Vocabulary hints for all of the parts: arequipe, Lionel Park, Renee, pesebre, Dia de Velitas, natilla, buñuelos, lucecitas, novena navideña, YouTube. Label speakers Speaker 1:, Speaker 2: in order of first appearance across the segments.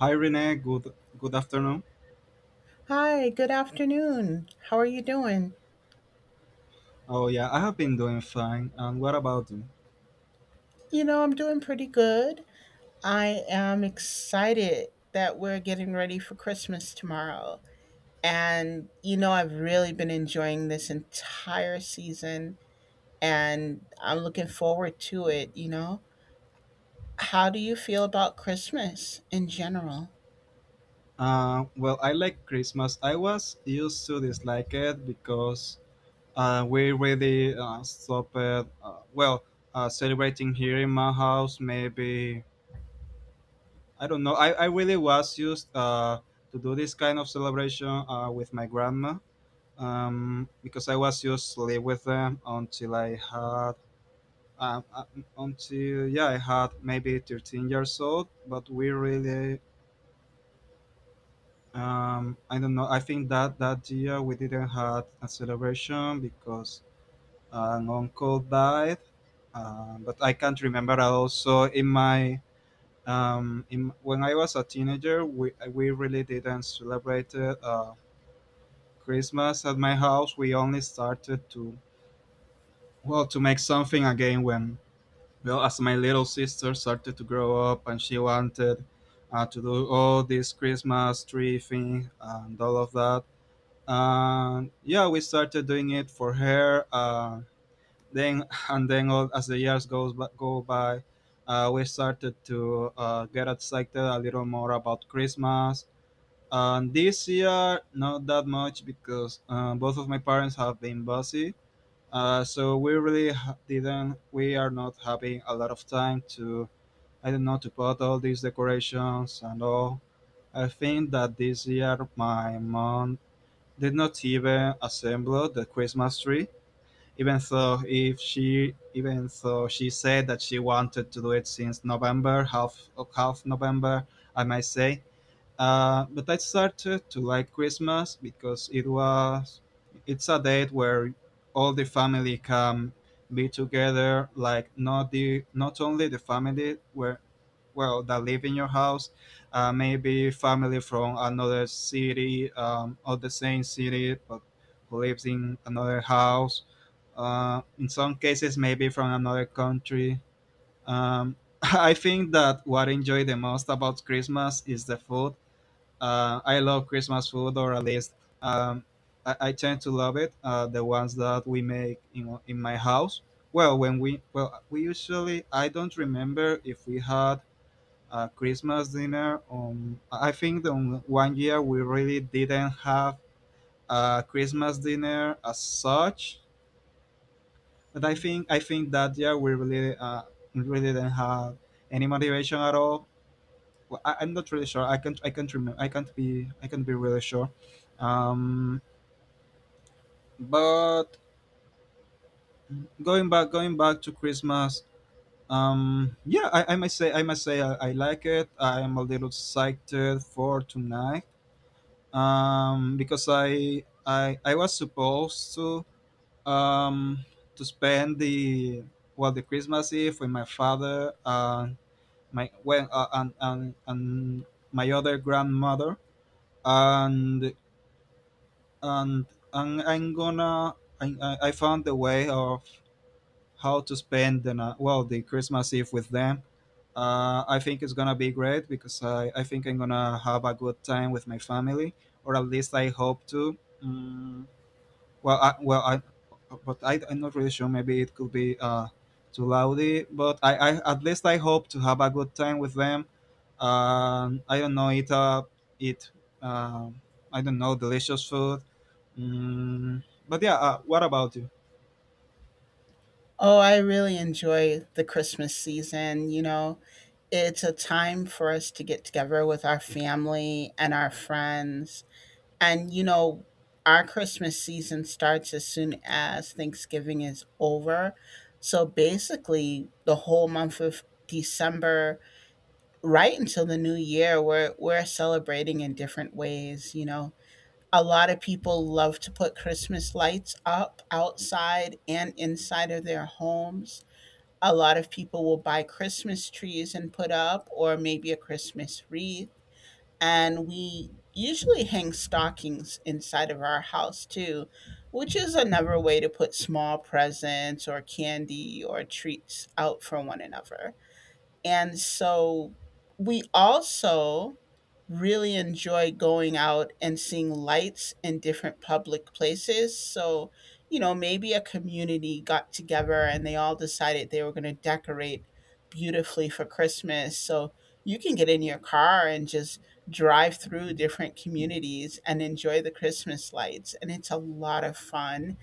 Speaker 1: Hi Renee, good afternoon.
Speaker 2: Hi, good afternoon. How are you doing?
Speaker 1: Oh yeah, I have been doing fine. And what about you?
Speaker 2: You know, I'm doing pretty good. I am excited that we're getting ready for Christmas tomorrow. And, you know, I've really been enjoying this entire season and I'm looking forward to it, you know. How do you feel about Christmas in general?
Speaker 1: Well, I like Christmas. I was used to dislike it because we really stopped. Well, Celebrating here in my house. Maybe I don't know. I really was used to do this kind of celebration with my grandma, because I was used to live with them until I had um, uh, until yeah I had maybe 13 years old. But we really, I don't know, I think that that year we didn't have a celebration because an uncle died. But I can't remember. I also in my when I was a teenager, we really didn't celebrate Christmas at my house. We only started to well to make something again when well as my little sister started to grow up and she wanted to do all this Christmas tree thing and all of that. And yeah, we started doing it for her then and then all, as the years go by, we started to get excited a little more about Christmas. And this year not that much because both of my parents have been busy, so we really ha- didn't we are not having a lot of time to I don't know to put all these decorations and all. I think that this year my mom did not even assemble the Christmas tree, even though if she even though she said that she wanted to do it since November, half November, I might say. But I started to like Christmas because it's a date where all the family can be together. Like not only the family where well that live in your house, maybe family from another city, or the same city but who lives in another house. In some cases, maybe from another country. Um, I think that what I enjoy the most about Christmas is the food. I love Christmas food, or at least, um, I tend to love it. The ones that we make, you know, in my house. Well, we usually I don't remember if we had a Christmas dinner. On I think the on one year we really didn't have a Christmas dinner as such. But I think that year we really really didn't have any motivation at all. Well, I, I'm not really sure. I can't remember. I can't be really sure. Um, but Going back to Christmas. Yeah, I must say, I like it. I am a little excited for tonight. Because I was supposed um to spend the Christmas Eve with my father and and my other grandmother and and and I'm gonna I found the way of how to spend the ni- well the Christmas Eve with them. I think it's gonna be great because I think I'm gonna have a good time with my family, or at least I hope to. Mm, well, I, well, I, I'm not really sure. Maybe it could be too loudy, but I at least I hope to have a good time with them. I don't know, eat eat um, I don't know, delicious food. Mm, but yeah, what about you?
Speaker 2: Oh, I really enjoy the Christmas season, you know, it's a time for us to get together with our family and our friends. And you know, our Christmas season starts as soon as Thanksgiving is over. So basically, the whole month of December, right until the new year, we're celebrating in different ways. You know, a lot of people love to put Christmas lights up outside and inside of their homes. A lot of people will buy Christmas trees and put up, or maybe a Christmas wreath, and we usually hang stockings inside of our house too, which is another way to put small presents or candy or treats out for one another. And so we also really enjoy going out and seeing lights in different public places. So, you know, maybe a community got together and they all decided they were going to decorate beautifully for Christmas. So you can get in your car and just drive through different communities and enjoy the Christmas lights. And it's a lot of fun,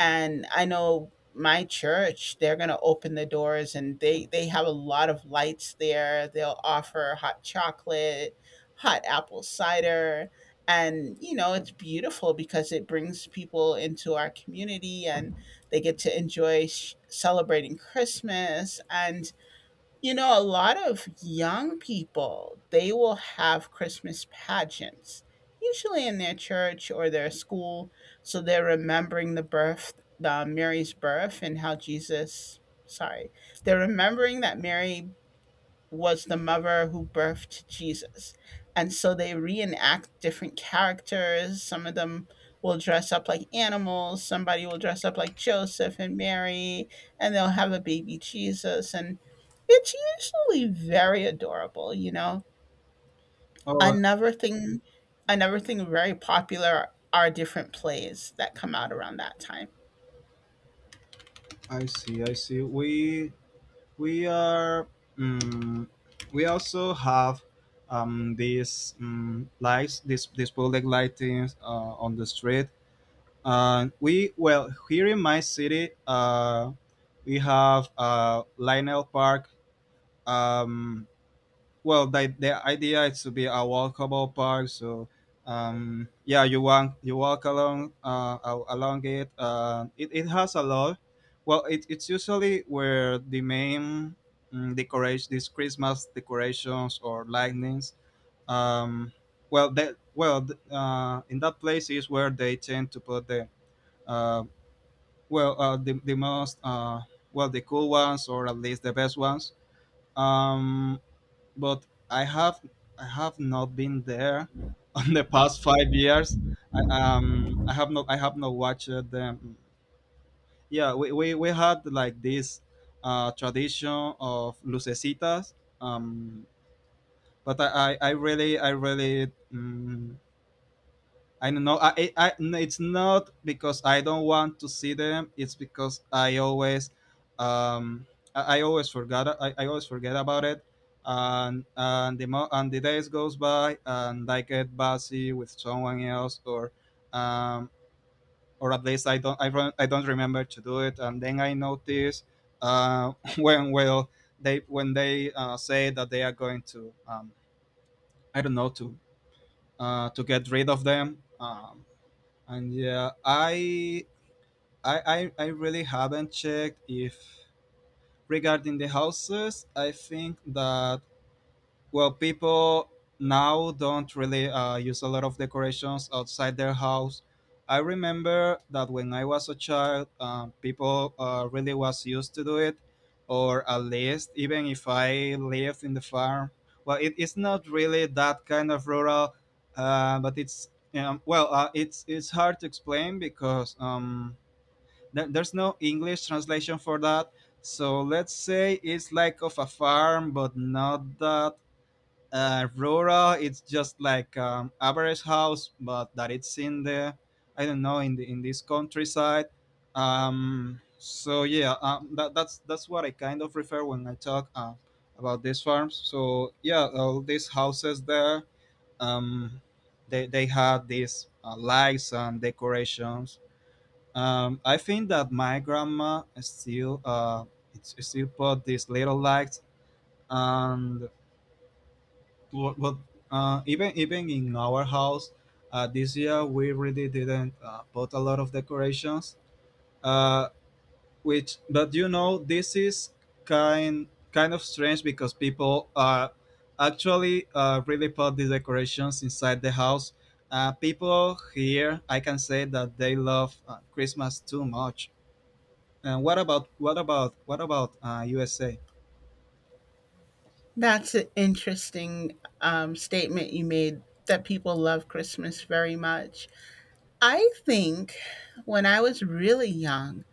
Speaker 2: and I know my church, they're going to open the doors, and they have a lot of lights there. They'll offer hot chocolate, hot apple cider, and you know, it's beautiful because it brings people into our community and they get to enjoy celebrating Christmas. And you know, a lot of young people, they will have Christmas pageants, usually in their church or their school. So they're remembering the birth, the Mary's birth and how Jesus, sorry, they're remembering that Mary was the mother who birthed Jesus. And so they reenact different characters. Some of them will dress up like animals, somebody will dress up like Joseph and Mary, and they'll have a baby Jesus. And it's usually very adorable, you know.
Speaker 1: Oh,
Speaker 2: Another thing, another thing very popular are different plays that come out around that time.
Speaker 1: I see, I see. We are Um. We also have these lights, these public lightings on the street. And we well here in my city, we have Lionel Park. Um, well, the idea is to be a walkable park. So yeah, you walk along along it. It, it has a lot. Well, it, it's usually where the main, decoration, these Christmas decorations or lightnings. um in that place is where they tend to put the uh the most the cool ones, or at least the best ones. Um but I have I have not been there on the past 5 years. I have not watched them. Yeah, we had like this tradition of lucecitas, um, but I really I don't know. No, it's not because I don't want to see them. It's because I always, um, I always I always forget about it, and and the days goes by, and I get busy with someone else, or, um, or at least I don't. I don't remember to do it, and then I notice, uh, when well they when they say that they are going to, I don't know, to get rid of them. And yeah, I really haven't checked if regarding the houses. I think that well, people now don't really use a lot of decorations outside their house. I remember that when I was a child, people really was used to do it, or at least even if I lived in the farm. Well, it is not really that kind of rural, but it's hard to explain because there, there's no English translation for that. So let's say it's like of a farm, but not that Aurora, it's just like average house, but that it's in the, I don't know, in this countryside. So yeah, that's what I kind of refer when I talk about these farms. So yeah, all these houses there, um, they had these lights and decorations. I think that my grandma still it's still put these little lights and what even even in our house, this year we really didn't put a lot of decorations, uh, which, but you know this is kind kind of strange because people are actually really put the decorations inside the house. People here I can say that they love Christmas too much. And what about USA?
Speaker 2: That's an interesting statement you made that people love Christmas very much. I think when I was really young,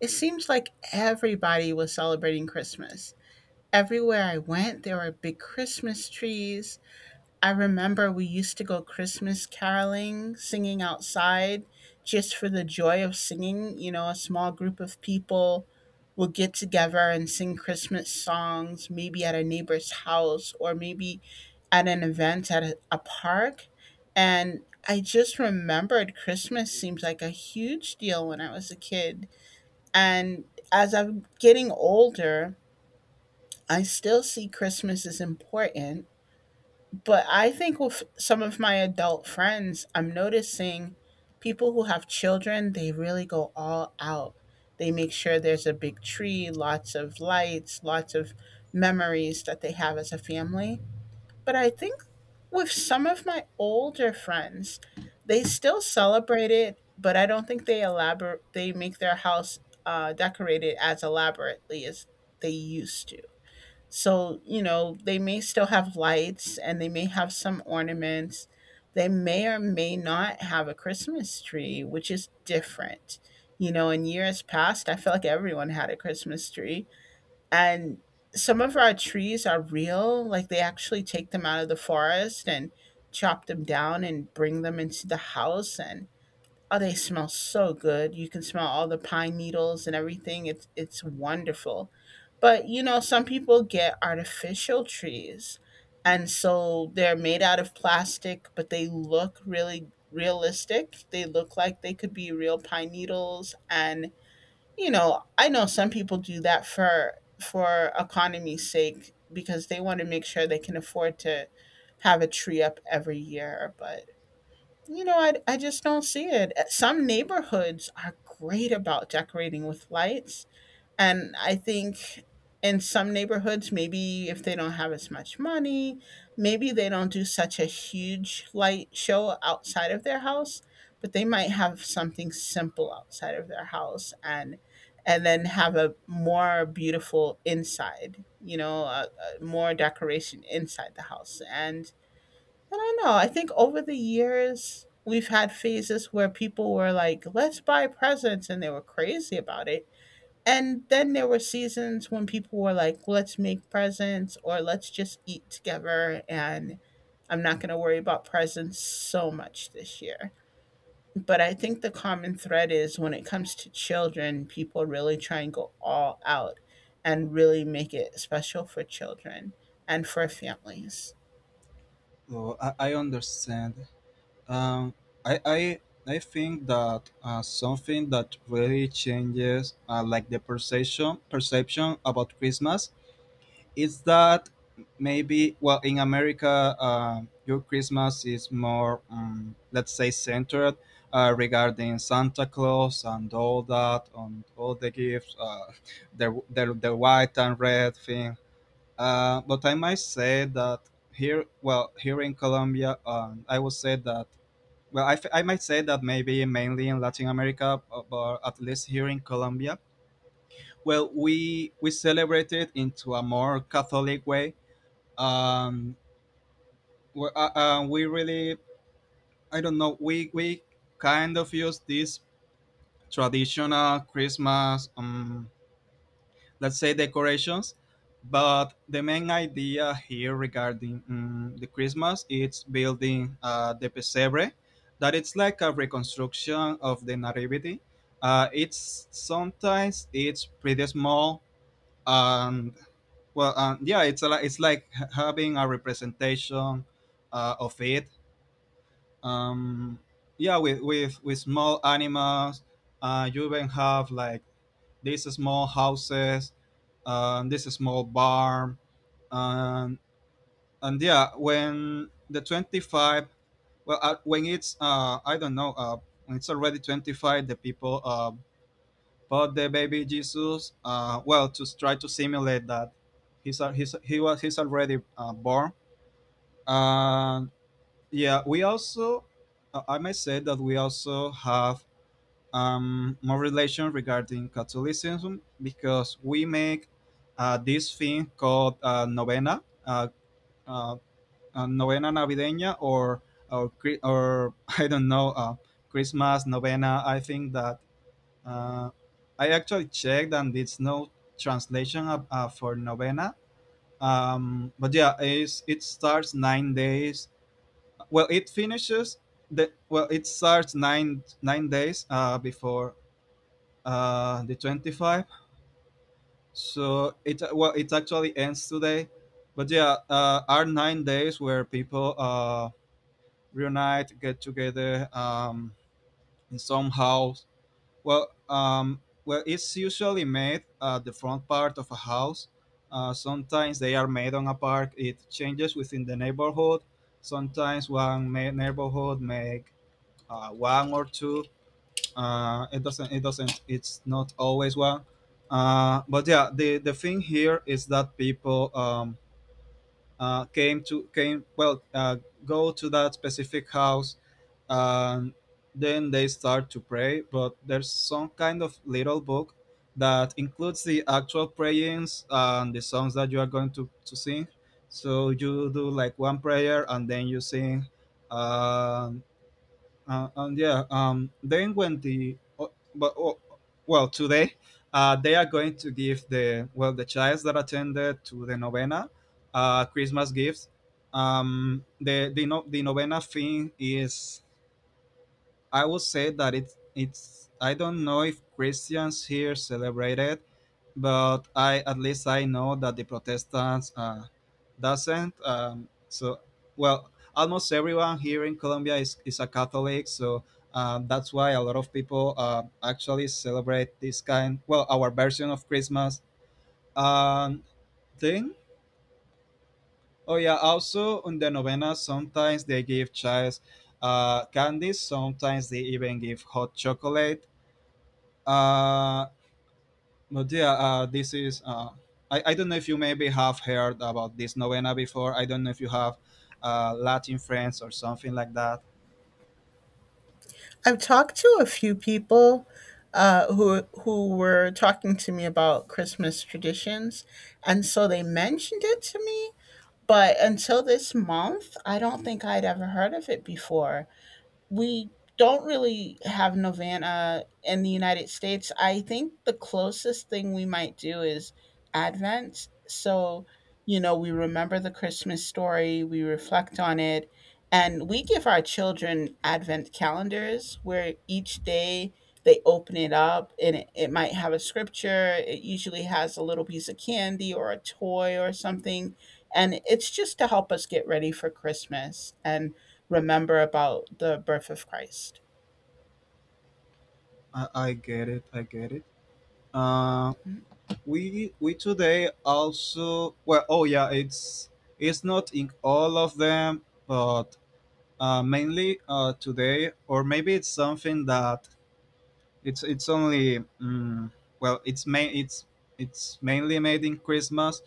Speaker 2: it seems like everybody was celebrating Christmas. Everywhere I went, there were big Christmas trees. I remember we used to go Christmas caroling, singing outside just for the joy of singing. You know, a small group of people would get together and sing Christmas songs, maybe at a neighbor's house or maybe at an event at a park. And I just remembered Christmas seems like a huge deal when I was a kid. And as I'm getting older, I still see Christmas as important, but I think with some of my adult friends, I'm noticing people who have children, they really go all out. They make sure there's a big tree, lots of lights, lots of memories that they have as a family. But I think with some of my older friends, they still celebrate it, but I don't think they elaborate, they make their house decorated as elaborately as they used to. So, you know, they may still have lights and they may have some ornaments. They may or may not have a Christmas tree, which is different. You know, in years past, I feel like everyone had a Christmas tree. And some of our trees are real, like they actually take them out of the forest and chop them down and bring them into the house and oh, they smell so good. You can smell all the pine needles and everything. It's wonderful. But you know, some people get artificial trees. And so they're made out of plastic, but they look really realistic. They look like they could be real pine needles, and you know, I know some people do that for economy's sake because they want to make sure they can afford to have a tree up every year, but you know, I just don't see it. Some neighborhoods are great about decorating with lights. And I think in some neighborhoods, maybe if they don't have as much money, maybe they don't do such a huge light show outside of their house, but they might have something simple outside of their house and then have a more beautiful inside, you know, a more decoration inside the house. And I don't know. I think over the years, we've had phases where people were like, let's buy presents, and they were crazy about it. And then there were seasons when people were like, let's make presents or let's just eat together. And I'm not going to worry about presents so much this year. But I think the common thread is when it comes to children, people really try and go all out and really make it special for children and for families.
Speaker 1: Oh, I understand. Um, I, I I think that something that really changes, like the perception about Christmas, is that maybe well in America, your Christmas is more let's say centered regarding Santa Claus and all that, on all the gifts, the white and red thing. But I might say that here, well, here in Colombia, I would say that I might say that maybe mainly in Latin America, but at least here in Colombia. Well, we celebrate it into a more Catholic way. Um, we really, I don't know, we kind of use this traditional Christmas, let's say, decorations. But the main idea here regarding, the Christmas is building the pesebre, that it's like a reconstruction of the nativity. It's Sometimes it's pretty small, and well, yeah, it's like having a representation of it. um, yeah, with small animals. You even have like these small houses, this small bar, um, and yeah, when the 25, well, uh, when it's I don't know, when it's already 25, the people bought the baby Jesus, well, to try to simulate that he's al- he's he was he's already born. And yeah, we also, I may say that we also have, more relation regarding Catholicism because we make this thing called novena, uh, novena navideña, or, or I don't know, Christmas novena. I think that uh, I actually checked and it's no translation of, for novena. But yeah, it starts 9 days. Well, it finishes the well, it starts nine days before the 25. So it actually ends today, but yeah, are 9 days where people reunite, get together, in some house. Well, it's usually made at the front part of a house. Sometimes they are made on a park. It changes within the neighborhood. Sometimes one neighborhood make one or two. It doesn't. It doesn't. It's not always one. But yeah, the thing here is that people came well go to that specific house, and then they start to pray. But there's some kind of little book that includes the actual prayings and the songs that you are going to sing. So you do like one prayer and then you sing, uh, and yeah, then when the, oh, but oh, well today, they are going to give the, well, the childs that attended to the novena, Christmas gifts. The no, the novena thing is, I would say that it's I don't know if Christians here celebrate it, but I, at least I know that the Protestants doesn't. So, well, almost everyone here in Colombia is a Catholic, so that's why a lot of people actually celebrate this kind, well, our version of Christmas, um, thing. Oh yeah, also on the novena sometimes they give child candies. Sometimes they even give hot chocolate. Uh, but yeah, this is. I don't know if you maybe have heard about this novena before. I don't know if you have Latin friends or something like that.
Speaker 2: I've talked to a few people who were talking to me about Christmas traditions, and so they mentioned it to me. But until this month, I don't think I'd ever heard of it before. We don't really have novena in the United States. I think the closest thing we might do is Advent. So, you know, we remember the Christmas story, we reflect on it, and we give our children Advent calendars where each day they open it up and it might have a scripture. It usually has a little piece of candy or a toy or something. And it's just to help us get ready for Christmas. And remember about the birth of Christ.
Speaker 1: I get it. I get it. Uh, we today also, well, oh yeah, it's not in all of them, but mainly, today. Or maybe it's something that it's only, mm, well, it's it's mainly made in Christmas.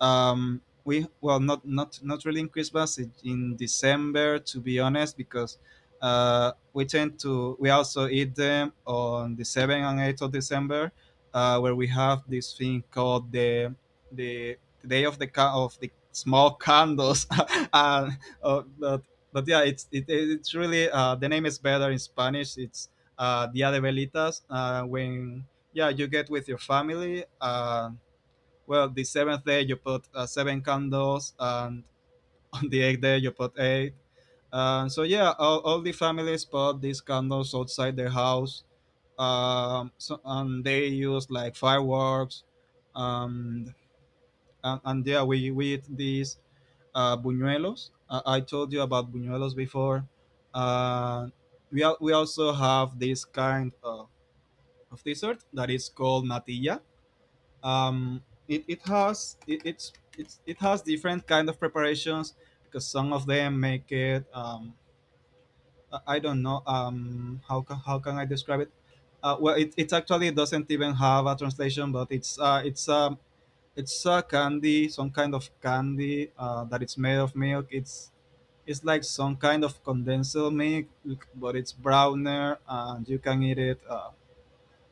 Speaker 1: We, well, not really in Christmas, in December, to be honest, because we tend to we also eat them on the 7th and 8th of December, where we have this thing called the, the day of the small candles and but yeah, it's really, the name is better in Spanish, it's Dia de Velitas, when, yeah, you get with your family. Well, the seventh day you put seven candles, and on the eighth day you put eight. So yeah, all the families put these candles outside their house, so, and they use like fireworks. um, and yeah, we eat these buñuelos. I told you about buñuelos before. Uh, we also have this kind of dessert that is called natilla. Um, it, it has it, it's it has different kind of preparations, because some of them make it. I don't know, how can I describe it. Well, it actually doesn't even have a translation, but it's a candy, some kind of candy that it's made of milk. It's like some kind of condensed milk, but it's browner, and you can eat it.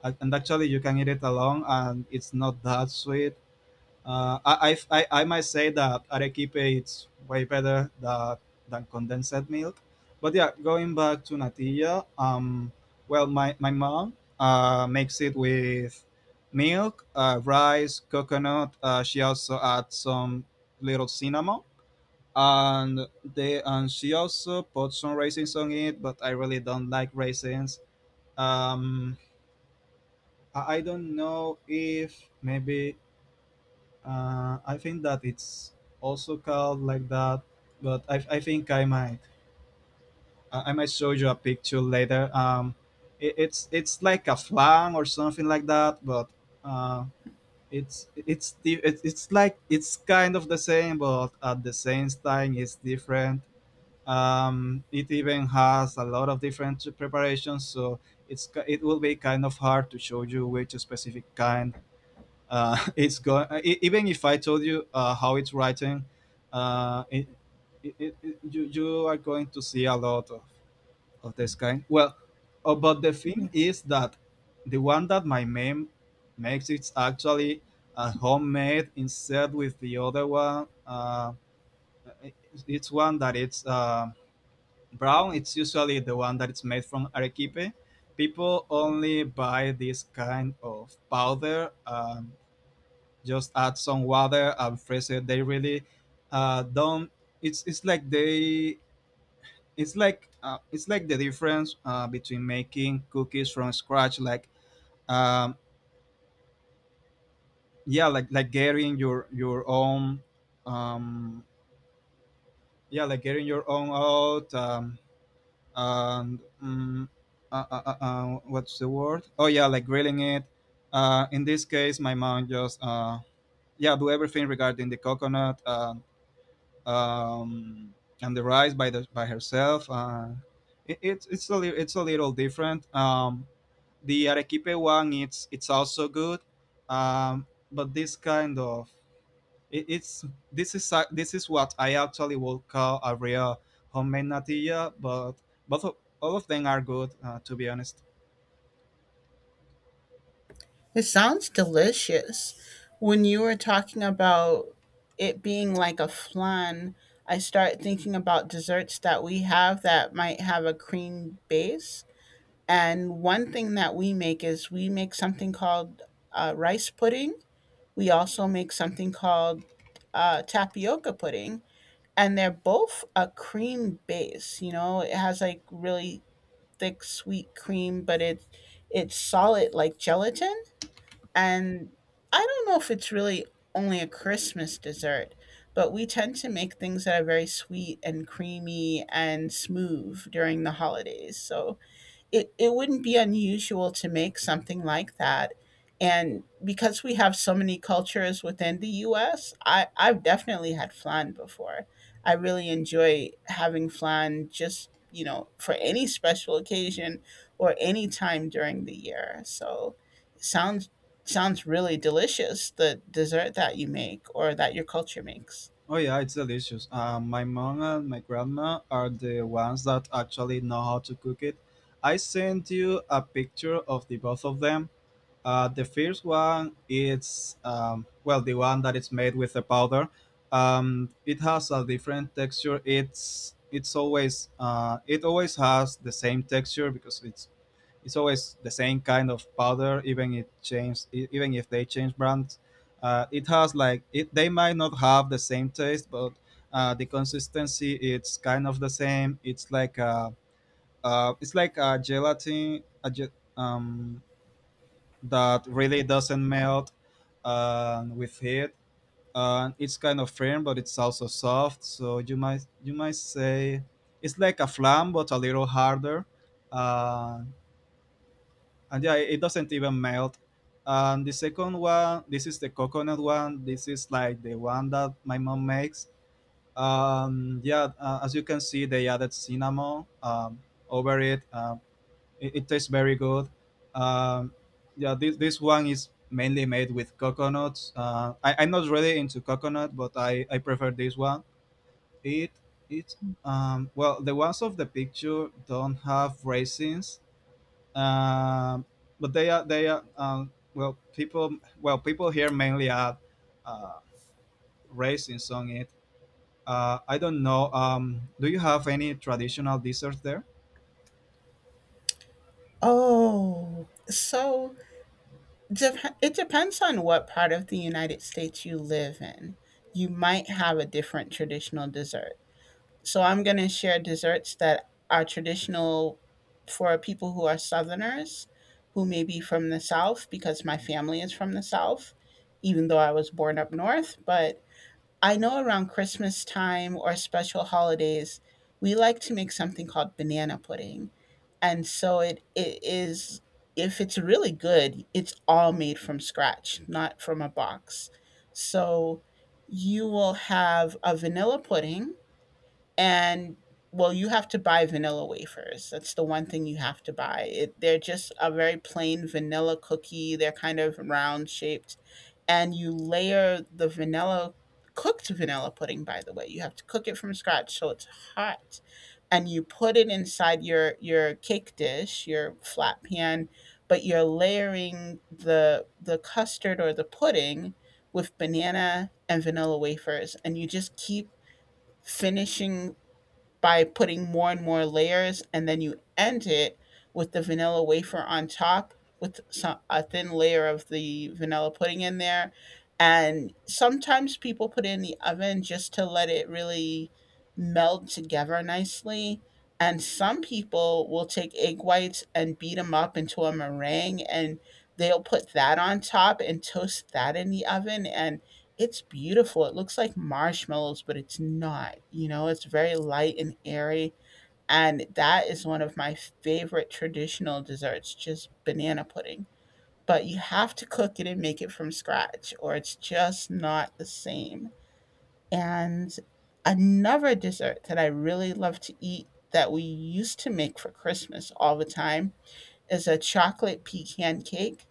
Speaker 1: And actually you can eat it alone, and it's not that sweet. I might say that arequipe it's way better than, condensed milk. But yeah, going back to natilla. Well, my mom makes it with milk, rice, coconut. She also adds some little cinnamon, and she also put some raisins on it. But I really don't like raisins. Um, I don't know if maybe, I think that it's also called like that, but I think I might, I might show you a picture later. It's like a flan or something like that, but uh, it's like it's kind of the same, but at the same time it's different. It even has a lot of different preparations, so it will be kind of hard to show you which specific kind, it's going, even if I told you, how it's writing. uh, it, you are going to see a lot of this kind, well, but the
Speaker 2: Yeah.
Speaker 1: thing is that the one that my mom makes, it's actually a homemade, instead, with the other one, it- it's one that it's, brown. It's usually the one that it's made from arequipe. People only buy this kind of powder, just add some water and freeze it. They really don't. It's like they. It's like, it's like the difference, between making cookies from scratch, like, um, yeah, like getting your own, um, yeah, like getting your own out, and what's the word? Oh yeah, like grilling it. In this case, my mom just yeah, do everything regarding the coconut. Um, and the rice by herself. It's a little different. The arequipe one it's also good, um, but this kind of, it, it's this is what I actually would call a real homemade natilla. But both of, all of them are good, to be honest.
Speaker 2: It sounds delicious. When you were talking about it being like a flan, I start thinking about desserts that we have that might have a cream base. And one thing that we make is we make something called rice pudding. We also make something called tapioca pudding. And they're both a cream base, you know, it has like really thick sweet cream, but it's solid like gelatin. And I don't know if it's really only a Christmas dessert, but we tend to make things that are very sweet and creamy and smooth during the holidays. So it wouldn't be unusual to make something like that. And because we have so many cultures within the US, I've definitely had flan before. I really enjoy having flan just, you know, for any special occasion or any time during the year. So it sounds sounds really delicious, the dessert that you make or that your culture makes.
Speaker 1: Oh yeah, it's delicious. My mom and my grandma are the ones that actually know how to cook it. I sent you a picture of the both of them. The first one is, well, the one that is made with the powder. It has a different texture. It's always, it always has the same texture because it's always the same kind of powder. Even if they change brands, it has, like, they might not have the same taste, but the consistency it's kind of the same. It's like a, it's like a gelatin, that really doesn't melt with heat. It's kind of firm, but it's also soft. So you might say it's like a flan, but a little harder. Uh, and yeah, it doesn't even melt. And the second one, this is the coconut one. This is like the one that my mom makes. Yeah, as you can see, they added cinnamon over it. It tastes very good. Um, yeah, this one is mainly made with coconuts. I'm not really into coconut, but I prefer this one. It it Well, the ones of the picture don't have raisins, um, but they are, well, people here mainly add uh, raisins on it. I don't know. Do you have any traditional desserts there?
Speaker 2: Oh, so it depends on what part of the United States you live in. You might have a different traditional dessert. So I'm going to share desserts that are traditional for people who are Southerners, who may be from the South, because my family is from the South, even though I was born up North. But I know around Christmas time or special holidays, we like to make something called banana pudding. And so it is, if it's really good, it's all made from scratch, not from a box. So you will have a vanilla pudding, and well, you have to buy vanilla wafers. That's the one thing you have to buy. They're just a very plain vanilla cookie. They're kind of round shaped, and you layer the vanilla, cooked vanilla pudding, by the way you have to cook it from scratch so it's hot, and you put it inside your cake dish, your flat pan, but you're layering the custard or the pudding with banana and vanilla wafers, and you just keep finishing by putting more and more layers, and then you end it with the vanilla wafer on top with some, a thin layer of the vanilla pudding in there. And sometimes people put it in the oven just to let it really meld together nicely. And some people will take egg whites and beat them up into a meringue and they'll put that on top and toast that in the oven. And it's beautiful. It looks like marshmallows, but it's not, you know, it's very light and airy, and that is one of my favorite traditional desserts, just banana pudding. But you have to cook it and make it from scratch, or it's just not the same. And another dessert that I really love to eat that we used to make for Christmas all the time is a chocolate pecan cake.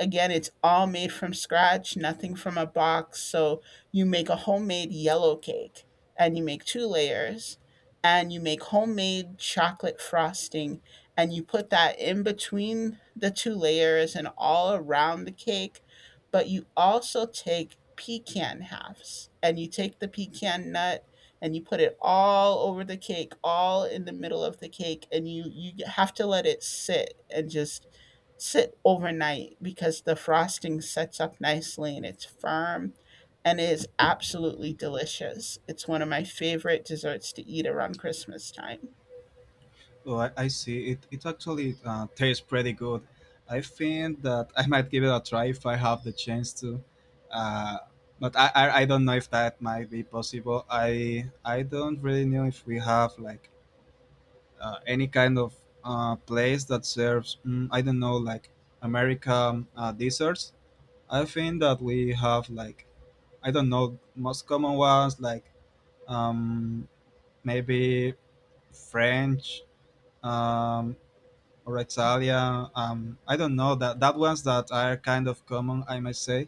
Speaker 2: Again, it's all made from scratch, nothing from a box. So you make a homemade yellow cake and you make two layers and you make homemade chocolate frosting and you put that in between the two layers and all around the cake. But you also take pecan halves and you take the pecan nut and you put it all over the cake, all in the middle of the cake, and you have to let it sit and just sit overnight because the frosting sets up nicely and it's firm, and it is absolutely delicious. It's one of my favorite desserts to eat around Christmas time.
Speaker 1: Oh, I see. It actually tastes pretty good. I think that I might give it a try if I have the chance to. Uh, but I don't know if that might be possible. I don't really know if we have like, any kind of place that serves, mm, I don't know, like American desserts. I think that we have, like, I don't know, most common ones like, um, maybe French, um, Rexalia. I don't know, that ones that are kind of common, I must say.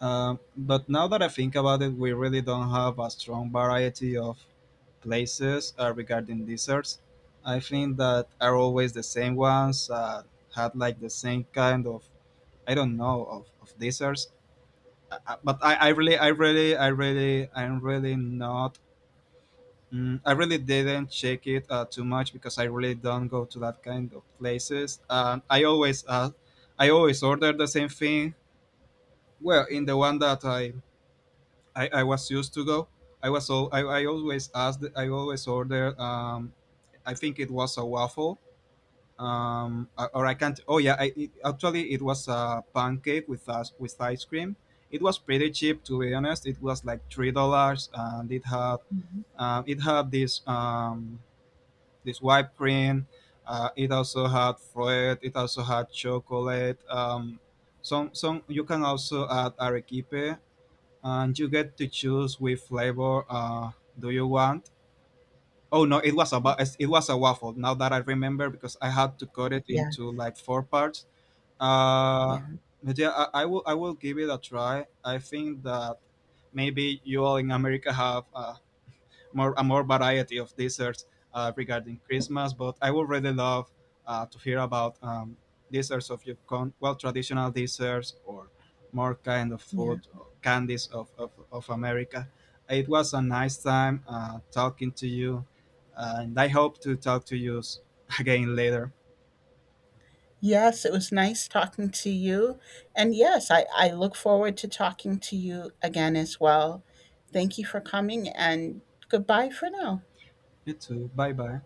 Speaker 1: But now that I think about it, we really don't have a strong variety of places regarding desserts. I think that are always the same ones, had like the same kind of, I don't know, of desserts. But I'm really not. Mm, I really didn't check it too much because I really don't go to that kind of places. I always order the same thing. Well, in the one that I was used to go, I was all I always ordered. I think it was a waffle. Or I can't. Oh yeah, actually it was a pancake with us with ice cream. It was pretty cheap to be honest. It was like $3, and it had
Speaker 2: Mhm.
Speaker 1: um, it had this. This white cream. It also had fruit. It also had chocolate. Some you can also add arequipe, and you get to choose which flavor do you want. Oh no, it was a waffle. Now that I remember, because I had to cut it
Speaker 2: Yeah,
Speaker 1: into like four parts. Uh,
Speaker 2: yeah,
Speaker 1: but yeah, I will give it a try. I think that maybe you all in America have more variety of desserts, regarding Christmas. But I would really love to hear about, desserts of your con- well traditional desserts, or more kind of
Speaker 2: yeah.
Speaker 1: food or candies of, of America. It was a nice time talking to you, and I hope to talk to you again later.
Speaker 2: Yes, it was nice talking to you. And yes, I look forward to talking to you again as well. Thank you for coming, and goodbye for now.
Speaker 1: You too. Bye bye.